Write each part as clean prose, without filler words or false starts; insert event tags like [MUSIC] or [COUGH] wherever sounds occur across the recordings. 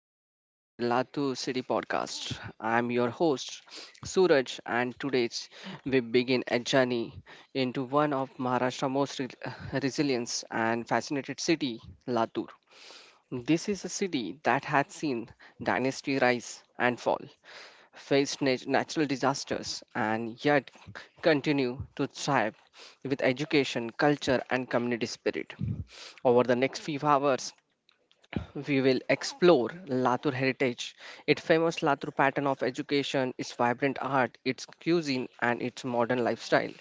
welcome to the Latur City podcast. I'm your host Suraj and today we begin a journey into one of Maharashtra's most resilient and fascinated city, Latur. This is a city that had seen dynasty rise and fall, faced natural disasters and yet continue to thrive with education, culture and community spirit. Over the next few hours, we will explore Latur heritage, its famous Latur pattern of education, its vibrant art, its cuisine, and its modern lifestyle.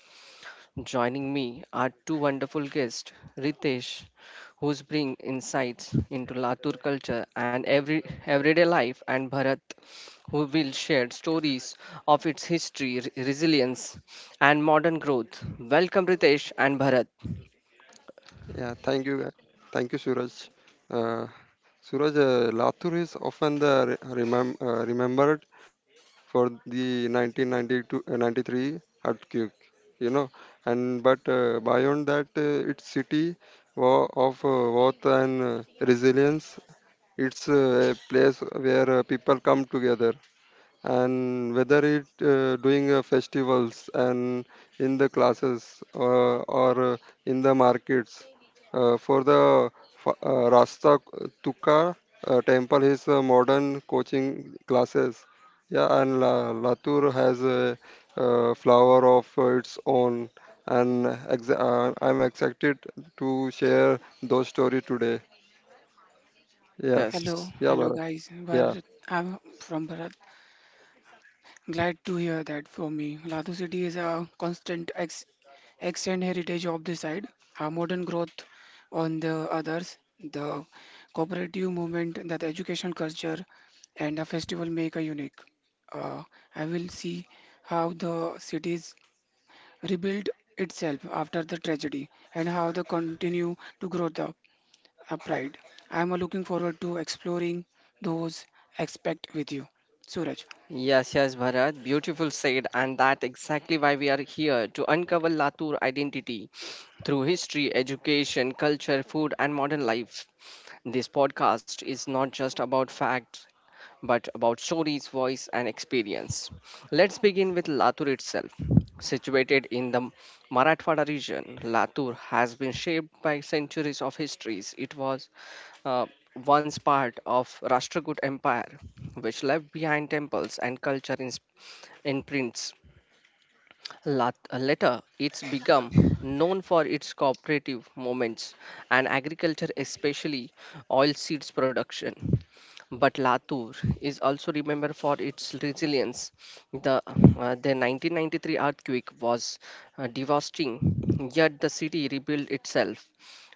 Joining me are two wonderful guests, Ritesh, who's bring insights into Latur culture and everyday life, and Bharat, who will share stories of its history, resilience, and modern growth. Welcome, Ritesh and Bharat. Yeah, thank you. Thank you, Suraj. Uh, Suraj, Latur is often the remembered for the 1992 93 earthquake, you know, and but beyond that, its city of worth and resilience. It's a place where people come together, and whether it doing festivals and in the classes, or in the markets, for the rasta tukka temple is modern coaching classes, yeah, and Latur has a flower of its own, and I'm excited to share those story today. Yes, Yeah, yes. Hello, yeah, hello Bharat. guys. Yeah. Bharat, I'm from Bharat. Glad to hear that. For me, Latur city is a constant ex extant heritage of the side, a modern growth on the others, the cooperative movement, that education culture, and a festival make a unique. Uh, I will see how the cities rebuilt itself after the tragedy and how they continue to grow up upright. I'm looking forward to exploring those aspects with you, Suraj. Yes, yes, Bharat. Beautiful said, and that exactly why we are here to uncover Latur identity through history, education, culture, food, and modern life. This podcast is not just about facts, but about stories, voice, and experience. Let's begin with Latur itself. Situated in the Marathwada region, Latur has been shaped by centuries of histories. It was uh, once part of Rashtragut Empire which left behind temples and culture imprints. Later, it's become known for its cooperative movements and agriculture, especially oil seeds production. But Latur is also remembered for its resilience. The 1993 earthquake was devastating, yet the city rebuilt itself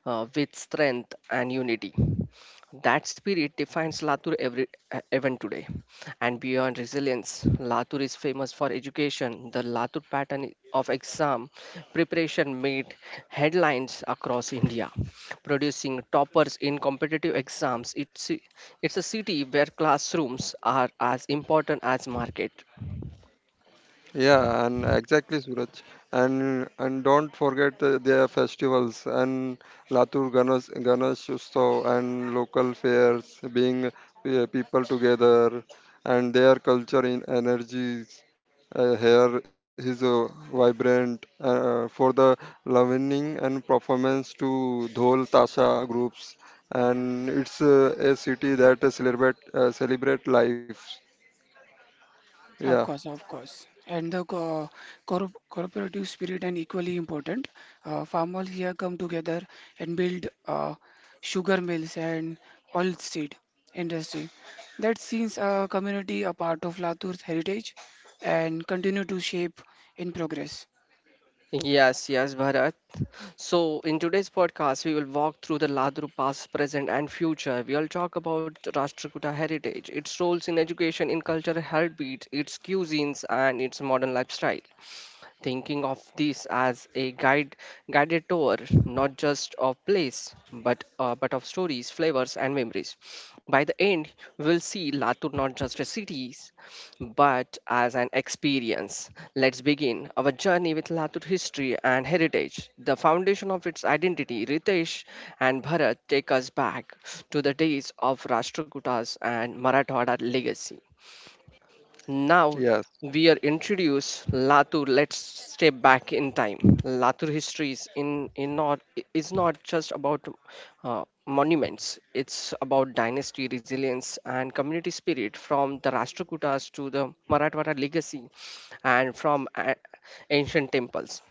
with strength and unity. That spirit defines Latur every even today. And beyond resilience, Latur is famous for education. The Latur pattern of exam preparation made headlines across India, producing toppers in competitive exams. It's a city where classrooms are as important as market. Yeah, and exactly, Suraj. And don't forget their festivals and Latur Ganesh Utsav and local fairs, being people together, and their culture in energies here is vibrant. For the learning and performance to dhol tasha groups, and it's a city that celebrate life. Yeah, Of course, of course. And the co- corp cooperative spirit and equally important. Farmers here come together and build sugar mills and oil seed industry. That sees a community a part of Latur's heritage and continue to shape in progress. Yes, yes, Bharat. So, in today's podcast, we will walk through the Ladru past, present, and future. We will talk about Rashtrakuta heritage, its roles in education, in cultural heartbeat, its cuisines, and its modern lifestyle, thinking of this as a guided tour, not just of place, but of stories, flavors and memories. By the end, we'll see Latur not just as cities but as an experience. Let's begin our journey with Latur history and heritage, the foundation of its identity. Ritesh and Bharat, take us back to the days of Rashtrakutas and Marathwada legacy. Now yeah. we are introduced Latur. Let's step back in time. Latur history is not just about monuments. It's about dynasty resilience and community spirit. From the Rashtrakutas to the Marathwada legacy, and from ancient temples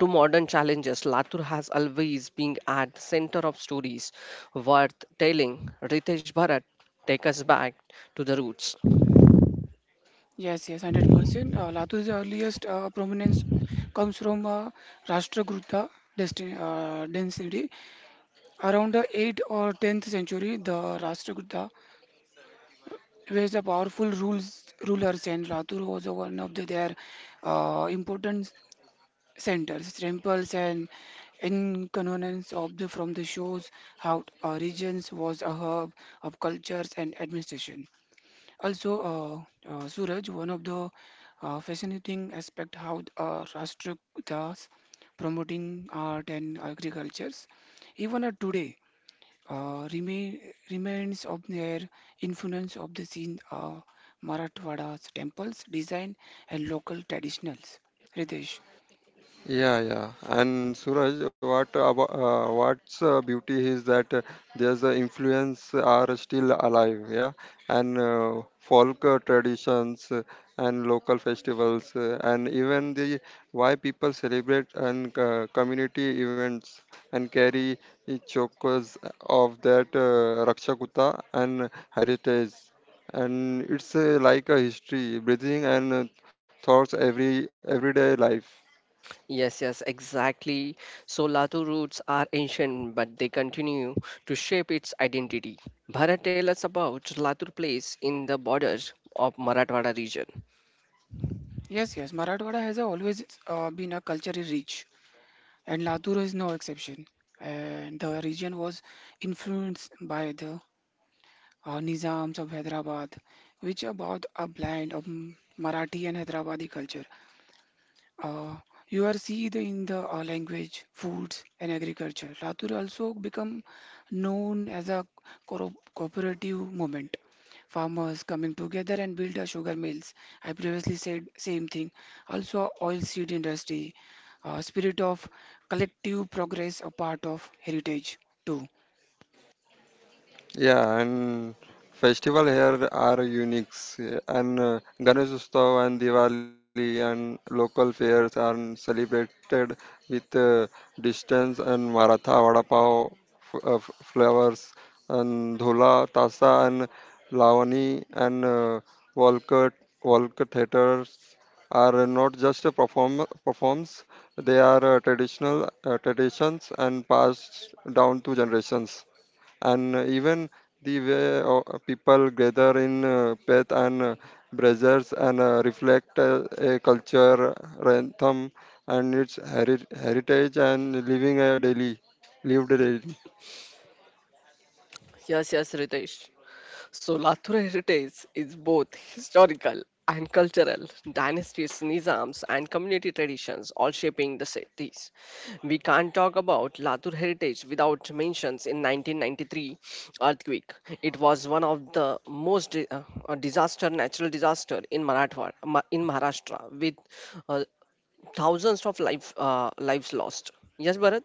to modern challenges, Latur has always been at the center of stories worth telling. Ritesh, Bharat, take us back to the roots. Yes, yes, 100%. Latu's earliest prominence comes from Rashtrakuta density. Around the 8th or 10th century, the Rashtrakuta were the powerful rulers, and Latur was one of the, their important centers, temples, and inconvenience of the from the shores how regions was a hub of cultures and administration. Also, Suraj, one of the fascinating aspect how Rashtrakutas promoting art and agricultures, even today, uh, remain, remains of their influence of the scene, Marathwada's temples, design and local traditionals. Ritesh, Yeah, yeah. And Suraj, what's beauty is that there's influence are still alive, yeah, and folk traditions and local festivals and even the why people celebrate and community events and carry the chokers of that Rakshakuta and heritage. And it's like a history, breathing and thoughts everyday life. Yes, yes, exactly. So Latu roots are ancient, but they continue to shape its identity. Bharat, tell us about Latur place in the borders of Marathwada region. yes, yes, Marathwada has always been a culturally rich and Latur is no exception. And the region was influenced by the Nizams of Hyderabad, which about a blend of Marathi and Hyderabadi culture. Uh, you are seen in the language, foods, and agriculture. Latur also become known as a cooperative movement. Farmers coming together and build a sugar mills. I previously said same thing. Also, oil seed industry. Spirit of collective progress, a part of heritage too. Yeah, and festival here are unique. And Ganesh Utsav and Diwali and local fairs are celebrated with distance and Maratha Vada Pav flavors and Dhula, Tasa and Lavani and Volkert, Volkert theaters are not just a performs. They are traditional traditions and passed down to generations, and even the way people gather in faith and brothers and reflect a culture, rhythm, and its heritage and living a daily lived daily. Yes, yes, Ritesh. So Lathur heritage is both historical and cultural, dynasties, nizams, and community traditions all shaping the cities. We can't talk about Lathur heritage without mentions in 1993 earthquake. It was one of the most disaster, natural disaster in in Maharashtra, with uh, thousands of life lives lost. Yes, Bharat.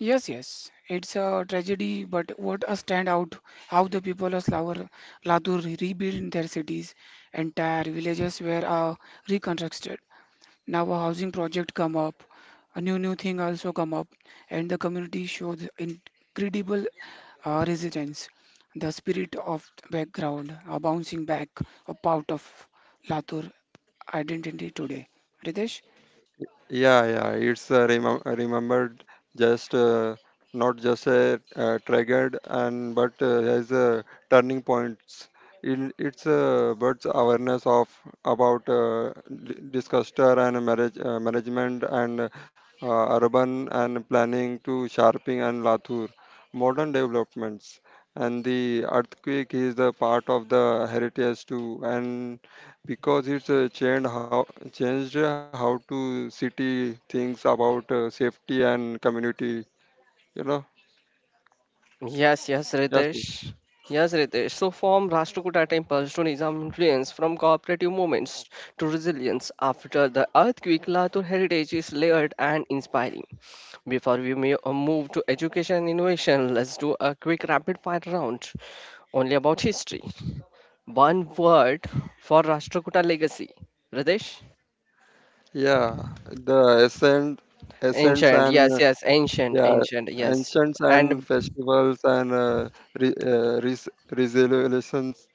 Yes, yes, it's a tragedy, but what a standout how the people of Slavar Latur rebuilt their cities, entire villages were reconstructed. Now a housing project come up, a new thing also come up, and the community showed incredible resilience. The spirit of the background, a bouncing back, a part of Latur identity today. Ritesh, Yeah, yeah, it's remembered just not just a triggered, and but has a turning points. In it's but awareness of about disaster and marriage management and urban and planning to sharping and Latur, modern developments, and the earthquake is the part of the heritage too, and because it's changed how to city thinks about safety and community. You know. Yes, yes, Yes, sir. Ritesh. Yes, Ritesh. So, from Rashtrakuta temples to Nizam influence, from cooperative movements to resilience after the earthquake, Latur heritage is layered and inspiring. Before we may move to education and innovation, let's do a quick rapid fire round only about history. One word for Rashtrakuta legacy. Ritesh? Yeah. The ascents Ancient. and Yes, yes, ancient, yeah, ancient, yes. ancients and And festivals and resolutions.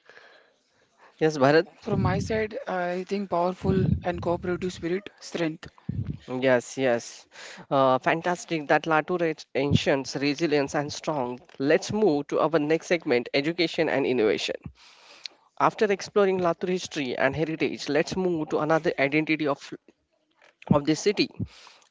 yes, Bharat? from my side, I think powerful and cooperative spirit, strength. Yes, yes. Fantastic that Latu rates ancients, resilience, and strong. Let's move to our next segment, education and innovation. After exploring Latur history and heritage, let's move to another identity of this city,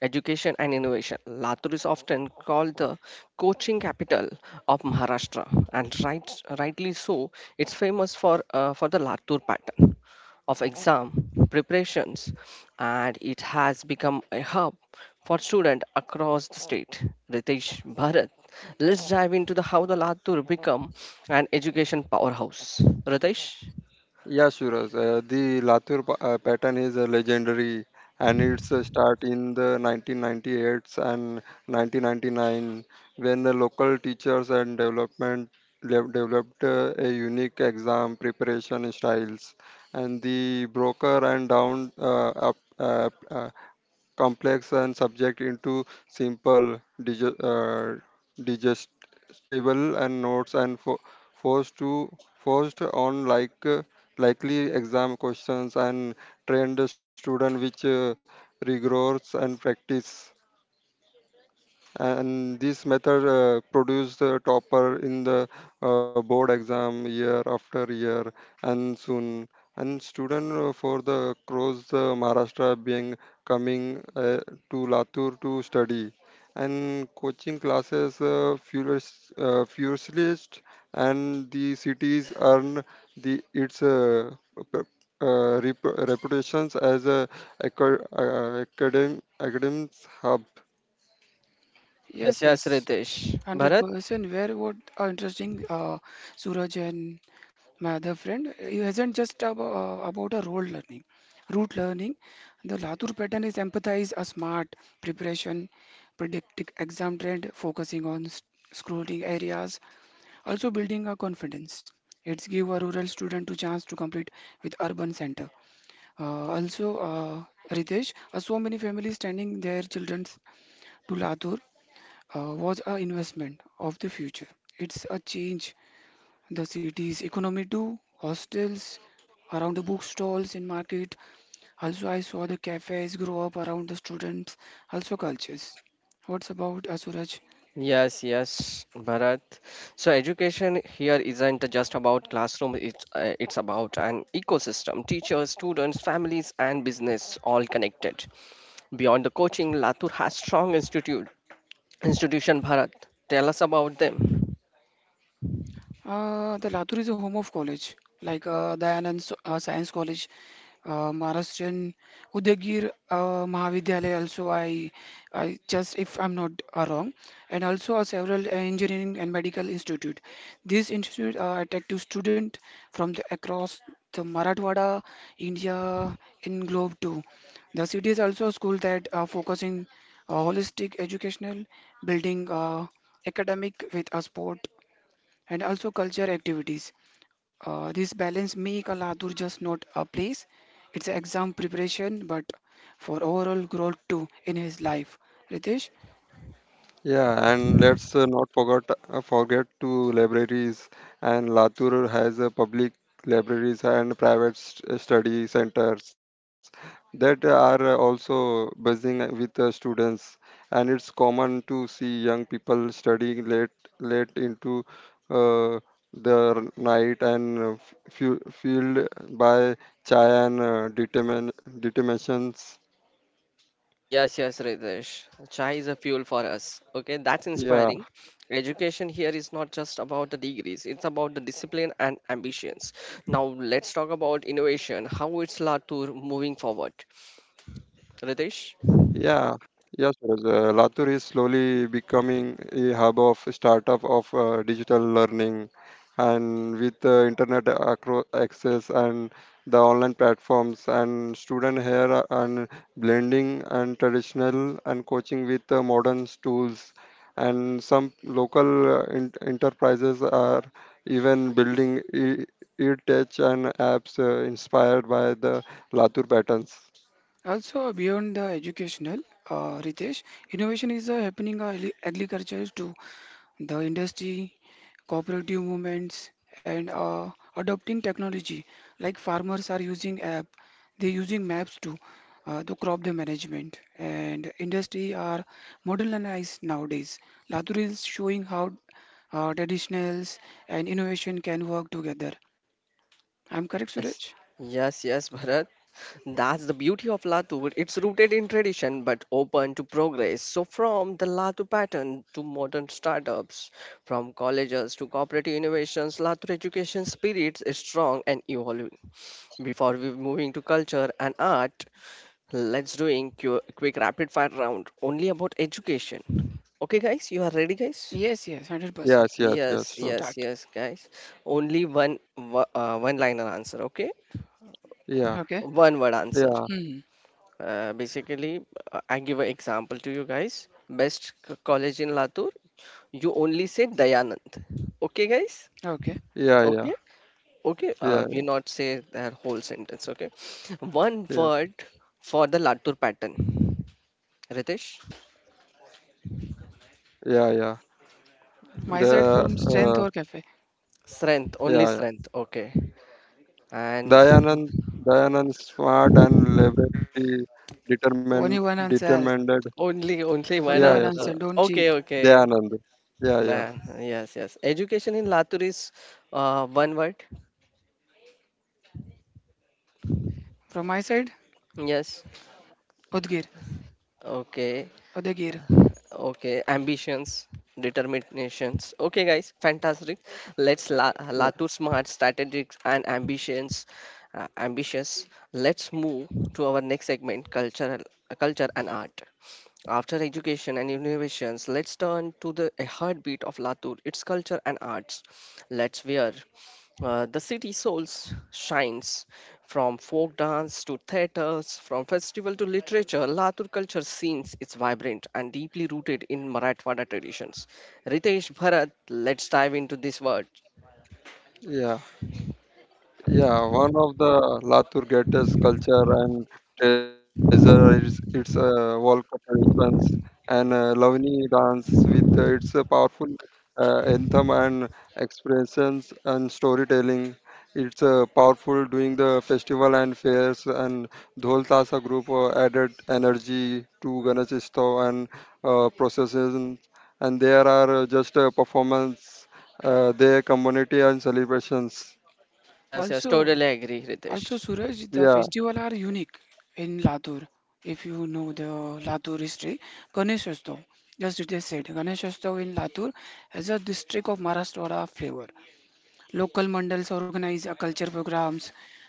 education and innovation. Latur is often called the coaching capital of Maharashtra, and rightly so. It's famous for the Latur pattern of exam preparations, and it has become a hub for students across the state. Ritesh, Bharat, let's dive into the how the Latur become an education powerhouse. Ritesh? Yeah, Suraj. The Latur pattern is legendary, and its start in the 1998s and 1999, when the local teachers and developed a unique exam preparation styles, and the broker and down complex and subject into simple, digestible and notes, and forced to forced on like likely exam questions, and trained student which rigors and practice, and this method produced the topper in the board exam year after year. And soon, and student for the cross the Maharashtra being coming to Latur to study, and coaching classes furiously, and the cities earn the its p- reputations as a academic hub. Yes, Yes, yes, yes, Ritesh. Bharat? 100%. Where what interesting, Suraj and my other friend, he hasn't just ab about a role learning, route learning. The Latour pattern is empathize a smart preparation, predicting exam trend, focusing on scrolling areas, also building a confidence. It's give a rural student to chance to complete with urban center. Also, Ritesh, so many families sending their children to Latur was an investment of the future. It's a change the city's economy too. Hostels around the bookstalls in market. Also, I saw the cafes grow up around the students. Also, cultures. What's about Asuraj? Yes, yes, Bharat. So education here isn't just about classroom, it's about an ecosystem, teachers, students, families and business all connected. Beyond the coaching, Latur has strong institute. Institution Bharat. Tell us about them. The Latur is a home of college, like Dayanand Science College, Maharashtrian Udayagir Mahavidyalaya. Also, I just if I'm not wrong, and also several engineering and medical institute. These institute are attractive student from the across the Marathwada, India, in globe too. The city is also a school that are focusing holistic educational, building academic with a sport and also culture activities. This balance make Aladur just not a place, it's an exam preparation, but for overall growth too in his life. Ritesh, Yeah, and let's not forget to libraries. And Latur has a public libraries and private study centers that are also buzzing with students. And it's common to see young people studying late into uh, the night, and fueled by chai and determinations. Yes, yes, Ritesh. Chai is a fuel for us. Okay, that's Yeah. inspiring. Education here is not just about the degrees, it's about the discipline and ambitions. Now, let's talk about innovation, how it's Latour moving forward. Ritesh? Yeah, yes, Suraj. Latur is slowly becoming a hub of startup of digital learning, and with internet access and the online platforms, and student here and blending and traditional and coaching with modern tools, and some local enterprises are even building e-tech and apps inspired by the Latur patterns. also beyond the educational, Ritesh, innovation is happening, agriculture too. The industry, cooperative movements, and adopting technology. Like farmers are using app, they're using maps to the crop the management and industry are modernized nowadays. Latour is showing how traditionals and innovation can work together. I'm correct, Yes, Suraj? yes, yes, Bharat. That's the beauty of Latu. It's rooted in tradition but open to progress. So, from the Latu pattern to modern startups, from colleges to cooperative innovations, Latu education spirit is strong and evolving. Before we moving to culture and art, let's doing quick rapid fire round only about education. Okay, guys, you are ready, guys? Yes, yes, 100%. Yes, yes, Yes, yes. So yes, Start. yes, guys. Only one liner answer. Okay, yeah, Okay. one word answer. yeah, Hmm. Basically, I give an example to you guys. Best college in Latur, you only say Dayanand. Okay, guys? Okay. yeah, yeah, Okay? Okay, yeah, we not say their whole sentence, okay? One yeah, word for the Latur pattern. Ritesh? yeah, yeah. My side The from strength or cafe. Strength, only Yeah, yeah. strength. Okay. And Dayanand, Dayanand, smart and very determined, Only one determined. answer. only, only Yeah, Only one yeah. one So answer. answer. Don't Okay, cheat. okay. Dayanand. Yeah, yeah, Then, yes, yes. Education in Latur is one word. From my side, Yes. Udgir, Okay. Udagir. Okay, ambitions, determinations. Okay, guys, fantastic. Let's la, yeah, la to smart strategics and ambitions, ambitious. Let's move to our next segment, culture, culture and art. After education and innovations, let's turn to the a heartbeat of Latour, its culture and arts. Let's wear. The city souls shines from folk dance to theaters, from festival to literature. Latur culture scenes is vibrant and deeply rooted in Marathwada traditions. Ritesh, Bharat, let's dive into this word. yeah. Yeah, one of the Latur greatest culture and treasure is its Volca traditions and Lavani dance with its powerful anthem and expressions and storytelling. It's powerful during the festival and fairs, and Dhol Tasa group added energy to Ganesh Utsav and processions, and there are just performance, their community and celebrations. Yes, yes, Also, totally agree, also Ritesh. Suraj, the Yeah. festival are unique in Latur. If you know the Latur history, Ganesh Utsav, just it is said, Ganesh Utsav in Latur has a district of Maharashtra flavor. Local mandals organize a culture programs,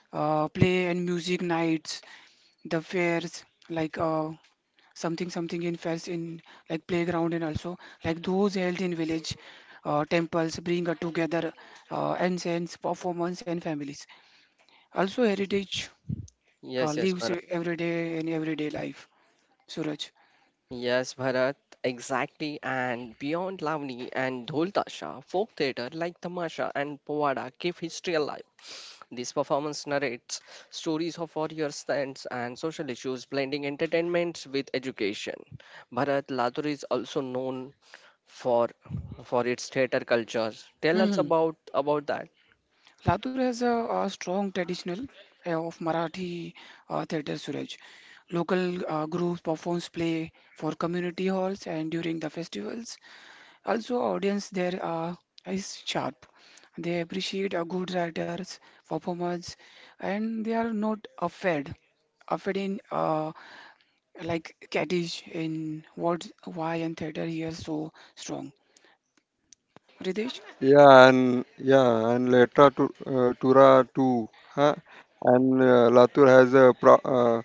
play and music nights, the fairs like something something in fairs in like playground and also like those held in village temples bring together ancients performance and families also Yes, heritage yes, yes, lives Bharat. every day in everyday life, Suraj. Yes, Bharat, exactly. And beyond Lavani and Dhol Tasha, folk theatre like Tamasha and Povada keep history alive. This performance narrates stories of warrior stance and social issues, blending entertainment with education. Bharat, Latur is also known for for its theatre culture. Tell us Hmm. About that. Latur has a strong traditional of Marathi theatre, Suraj. Local groups performs play for community halls and during the festivals. Also, audience there is sharp. They appreciate a good writer's performance, and they are not afraid in like Kaddish in what why and theater here so strong. Ritesh. Yeah, and later to Tura too, huh? And Latour has uh, pro, uh,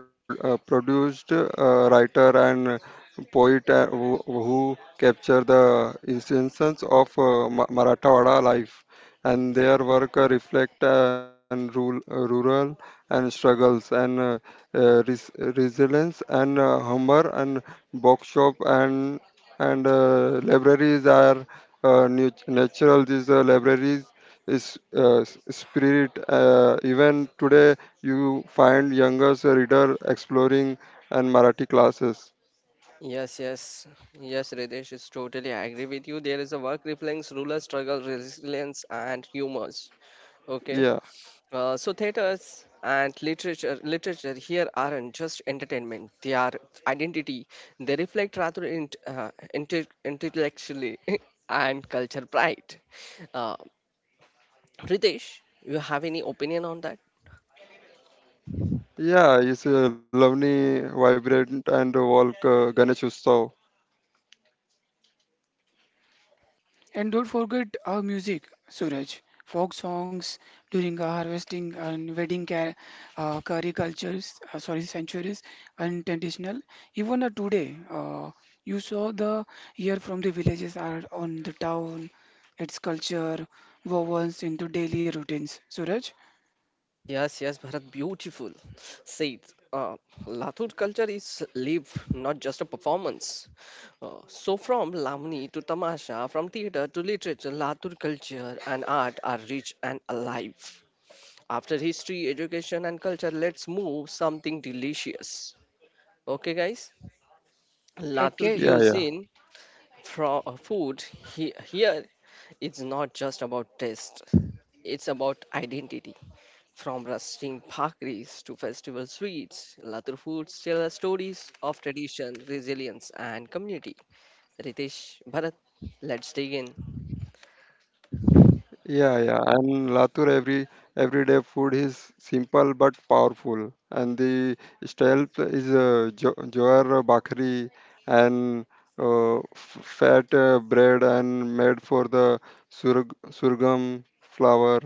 pro, uh, produced writer and poet who capture the instances of Marathawada life, and their work reflect and rural and struggles and resilience and humor, and bookshop and libraries are natural. These libraries is spirit even today. You find youngest reader exploring and Marathi classes. Yes, yes, yes, Ridesh is totally I agree with you. There is a work reflects ruler struggle, resilience, and humors. Okay. Yeah, So theaters and literature here aren't just entertainment, they are identity, they reflect rather intellectually [LAUGHS] and culture pride. Uh, ritesh, you have any opinion on that? yeah, it's a lovely vibrant and walk Ganesh Utsav. And don't forget our music, Suraj. Folk songs during our harvesting and wedding curry cultures, sorry, centuries, and traditional. Even today, you saw the here from the villages are on the town, its culture, woven into daily routines. Suraj, Yes, yes, Bharat, beautiful said. Uh, lathur culture is live, not just a performance. Uh, so from Lamni to Tamasha, from theater to literature, Lathur culture and art are rich and alive. After history, education, and culture, let's move something delicious. Okay, guys? Latur okay, Yeah, cuisine, yeah. from food here, it's not just about taste, it's about identity. From rusting bhakris to festival sweets, Latur foods tell us stories of tradition, resilience, and community. Ritesh, Bharat, let's dig in. Yeah, yeah, and Latur everyday food is simple but powerful, and the style is jo jowar bakri and fat bread, and made for the surgam flour.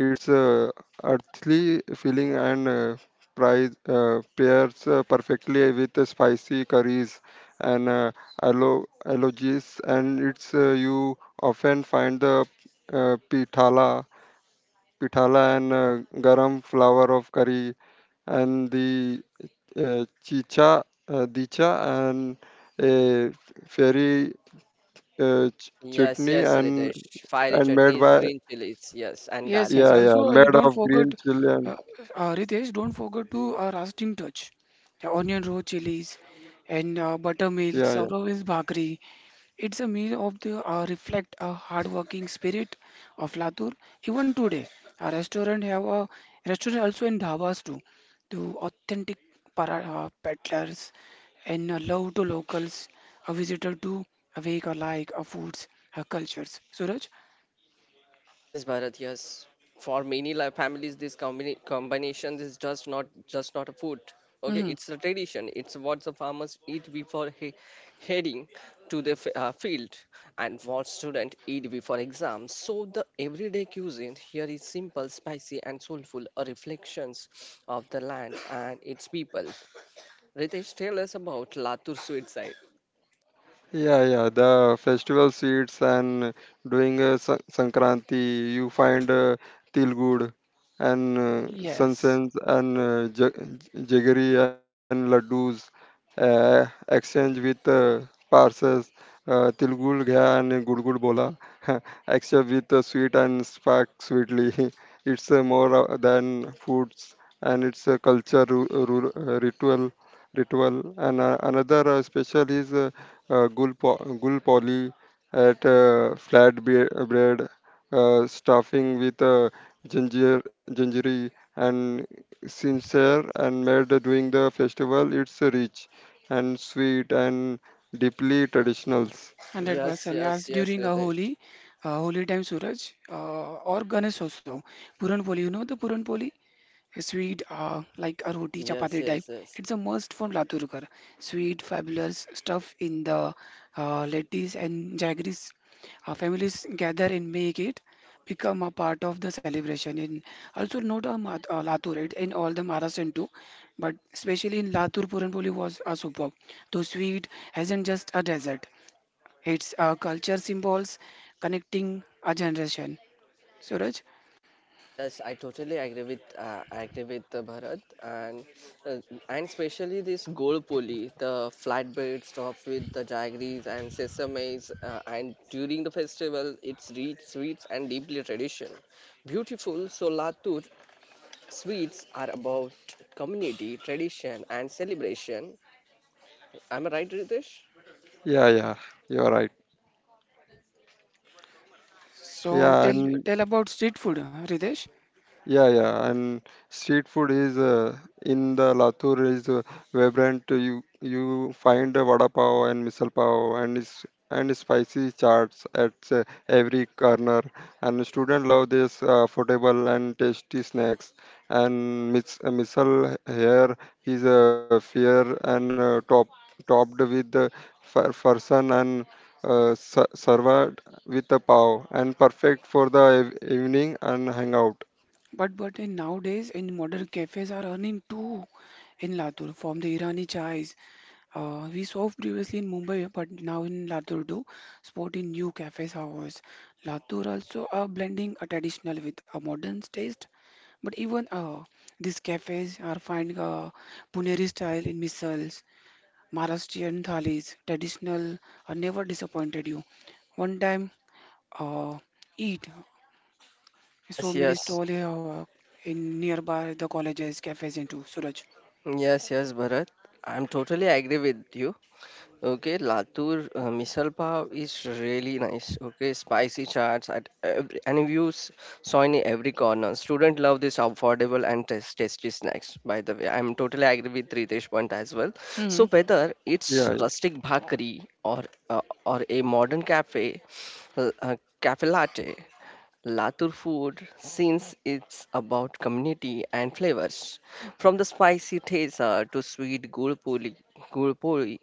It's a earthly feeling and pairs perfectly with the spicy curries and allergies. And it's you often find the uh, pithala, pithala and garam flour of curry, and the dicha and a fairy Yes, chutney yes, and Ritesh. Fiery and made chutneys, by, green chilies, yes, and yes, yes. garlic. yeah, Also, yeah, you made don't of forget, green chili and, uh, Ritesh, don't forget to roasting touch. The onion row chilies and yeah, yeah. buttermilk, Saurav's bhakri. It's a meal of the reflect a hardworking spirit of Latur. Even today, a restaurant have a restaurant also in dhabas too, to authentic peddlers and love to locals, a visitor to awake alike, a foods, a cultures. Suraj? Yes, Bharat, yes. For many life families, this combination is just not a food. Okay, Hmm. it's a tradition. It's what the farmers eat before heading to the field, and what students eat before exams. So the everyday cuisine here is simple, spicy, and soulful, a reflections of the land and its people. Ritesh, tell us about Latur sweet side. Yeah, yeah, the festival sweets, and doing a Sankranti, you find Tilgud and Yes. sansans and jaggery and laddus, exchange with parcels, Tilgud gaya and Gudgud bola, [LAUGHS] exchange with sweet and spark sweetly. [LAUGHS] It's more than foods, and it's a culture, ritual. And another special is. Uh, gul, po- Gul poly at bread, stuffing with gingery and sincere, and made during the festival. It's rich and sweet and deeply traditional. Yes, 100%, yes, yes, yes, during a Ritesh. holi, holy time, Suraj, or Ganesh also. Puran poli, you know the puranpoli, a sweet like a roti Yes, chapati type, yes, yes. it's a must from laturkar. Sweet fabulous stuff in the lettuce and jaggeries, families gather and make it become a part of the celebration in also not a latur, it in all the Maharashtra too, but especially in Latur puran poli was a superb though sweet. Hasn't just a dessert, it's culture symbols connecting a generation. Suraj, Yes, I totally agree with, I agree with Bharat, uh, and especially this gold pulley, the flatbed stuff with the jaggeries and sesames, and during the festival, it's rich sweets and deeply tradition. Beautiful Solatur sweets are about community, tradition, and celebration. Am I right, Ritesh? Yeah, yeah, you're right. so Yeah, and tell about street food, Ridesh. yeah, yeah, and street food is in the Latur is vibrant. You find a vada pav and misal pav, and is and spicy chaats at every corner. And students love this affordable and tasty snacks. And misal here is fair and topped with farsan, and served with a pav, and perfect for the evening and hangout. But in nowadays in modern cafes are earning too in Latur from the Irani chais. We saw previously in Mumbai, but now in Latur too, sporting new cafes hours. Latur also are blending a traditional with a modern taste. But even these cafes are finding a Puneri style in missiles Maharashtrian thalis, traditional, never disappointed you. One time, uh, eat so Yes, many yes, stall uh, in nearby the colleges, cafes, and too. Suraj. yes, yes, Bharat. I'm totally agree with you. Okay, Latur misal pav is really nice. Okay, spicy chaats at every, and you saw in every corner. Student love this affordable and tasty snacks. By the way, I'm totally agree with Ritesh point as well. So Hmm. whether Yeah, it's rustic bhakri or uh, a modern cafe, cafe latte, Latur food since it's about community and flavors, from the spicy thesa to sweet gulpuri,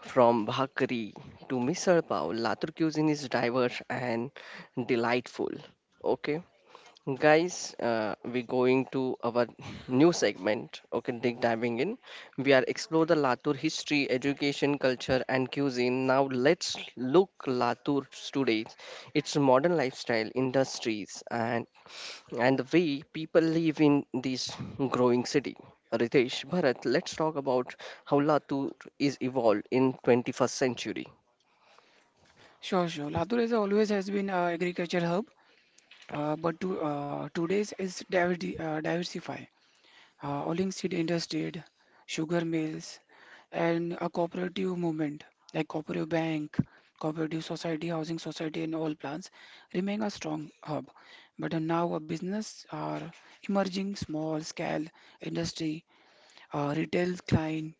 from bhakri to misal pav, Latur cuisine is diverse and delightful. Okay, guys, we're going to our [LAUGHS] new segment. Okay, dig diving in. We are explore the Latur history, education, culture, and cuisine. Now let's look Latur today, its modern lifestyle, industries, and the way people live in this growing city. Ritesh, Bharat, let's talk about how Latur is evolved in 21st century. Sure, sure. Latur is always has been a agriculture hub, but to, today's is diverdi diversify. Oiling seed industry, sugar mills, and a cooperative movement like cooperative bank, cooperative society, housing society, and all plans remain a strong hub. But now a business are emerging small scale industry, retail client,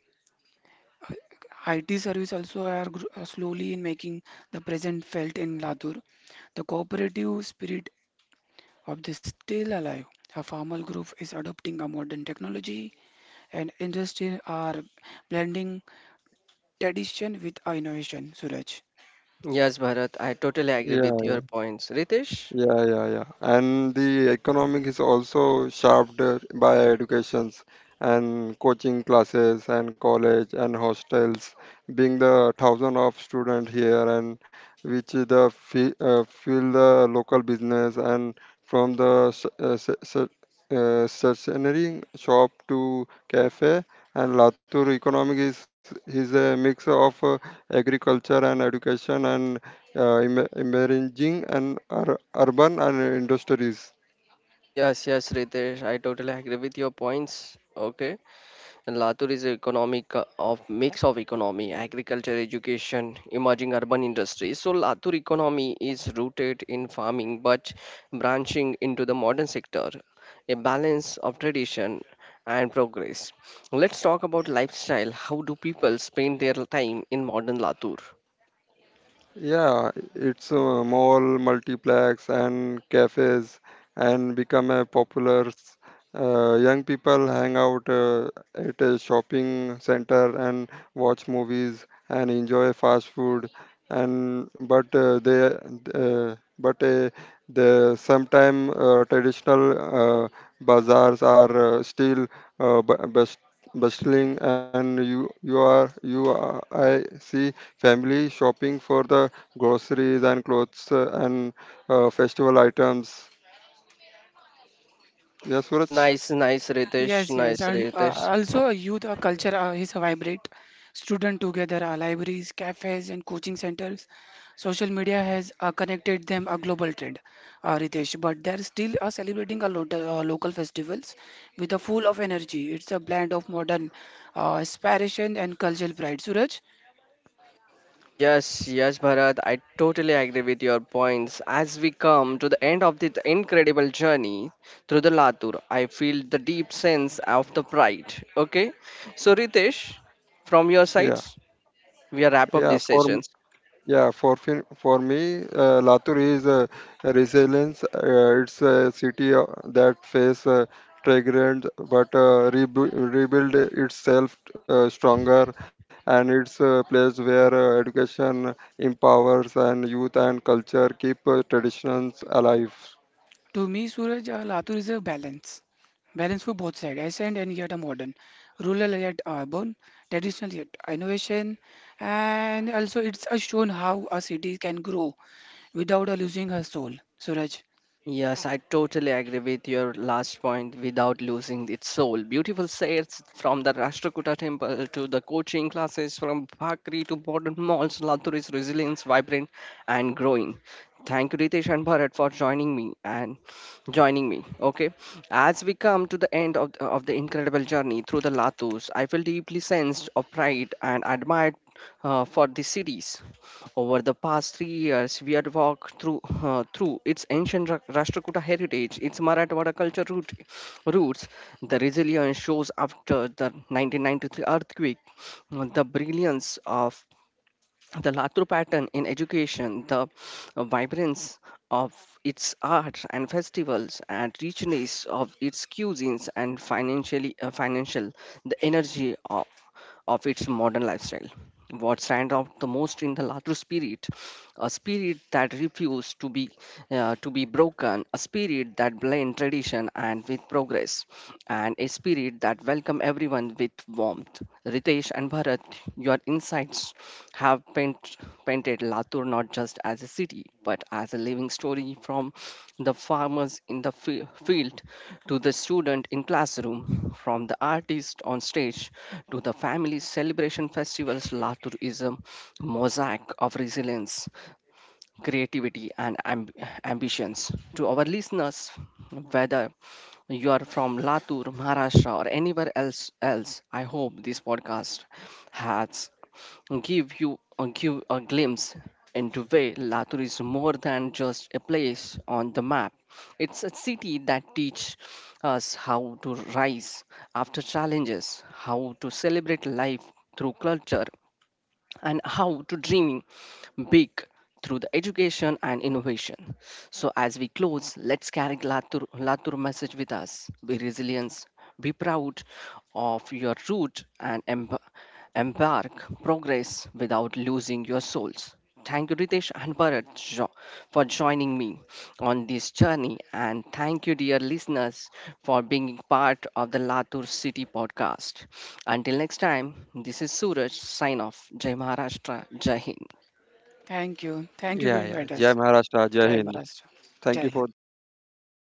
IT service also are slowly in making the present felt in Latur. The cooperative spirit of this still alive. A farmer group is adopting a modern technology and industry are blending tradition with innovation, Suraj. Yes, Bharat, I totally agree yeah, with your points. Ritesh? yeah, yeah, yeah. And the economic is also shaped by educations and coaching classes and college and hostels, being the thousand of student here, and which is the feel the local business, and from the stationery shop to cafe, and Latur economic is a mix of agriculture and education and emerging and urban and industries. Yes, yes, Ritesh, I totally agree with your points. Okay. And Latur is an economic of mix of economy, agriculture, education, emerging urban industries. So Latur economy is rooted in farming but branching into the modern sector, a balance of tradition and progress. Let's talk about lifestyle. How do people spend their time in modern Latur? Yeah, it's a mall, multiplex, and cafes, and become a popular. Young people hang out at a shopping center and watch movies and enjoy fast food. And but uh, but uh, the sometime traditional uh, bazaars are still best bustling, and I see family shopping for the groceries and clothes and festival items. Yes, Suraj. Nice, nice, Ritesh. Yes, yes, Nice, and Ritesh. also youth culture is vibrant. Student together, libraries, cafes, and coaching centers. Social media has connected them a global trend, Ritesh. But they're still celebrating a lot local festivals with a full of energy. It's a blend of modern aspiration and cultural pride. Suraj, Yes, yes, Bharat, I totally agree with your points. As we come to the end of this incredible journey through the Latur, I feel the deep sense of the pride. Okay, so Ritesh, from your Yeah, sides, we are wrap up yeah. these For m- sessions. yeah, for fin- for me, Latur is a resilience. It's a city that face triggered but rebuild itself stronger, and it's a place where education empowers, and youth and culture keep traditions alive. to me, Suraj, Latur is a balance. Balance for both sides, ancient and yet a modern, rural yet urban, traditional yet innovation, and also it's a shown how a city can grow without a losing her soul. Suraj, Yes, I totally agree with your last point without losing its soul. Beautiful sights, from the Rashtrakuta temple to the coaching classes, from Bhakri to modern malls, Latur is resilient, vibrant and growing. Thank you Ritesh and Bharat for joining me and joining me. Okay. As we come to the end of the incredible journey through the Latus, I feel deeply sensed of pride and admired for the cities. Over the past 3 years, we had walked through through its ancient Rashtrakuta heritage, its Marathwada roots, the resilience shows after the 1993 earthquake, the brilliance of the Latur pattern in education, the vibrance of its art and festivals, and richness of its cuisines and financial, the energy of its modern lifestyle. What stands out the most in the Latur spirit, a spirit that refused to be broken, a spirit that blend tradition and with progress, and a spirit that welcome everyone with warmth. Ritesh and Bharat, your insights have painted Latur not just as a city, but as a living story, from the farmers in the field to the student in classroom, from the artist on stage to the family celebration festivals. Latur is a mosaic of resilience, creativity, and ambitions. To our listeners, whether you are from Latur, Maharashtra, or anywhere else, I hope this podcast has give you give a glimpse into way Latur is more than just a place on the map. It's a city that teaches us how to rise after challenges, how to celebrate life through culture, and how to dreaming big through the education and innovation. So as we close, let's carry Latur message with us. Be resilient, be proud of your root and embark progress without losing your souls. Thank you, Ritesh and Bharat, for joining me on this journey. And thank you, dear listeners, for being part of the Latur City podcast. Until next time, this is Suraj, sign off. Jai Maharashtra, Jai Hind. thank you. Thank you for Yeah, yeah. inviting Jai us. Maharashtra, Jai Jai Hind. Maharashtra. Jai Thank you Hind. for, Thank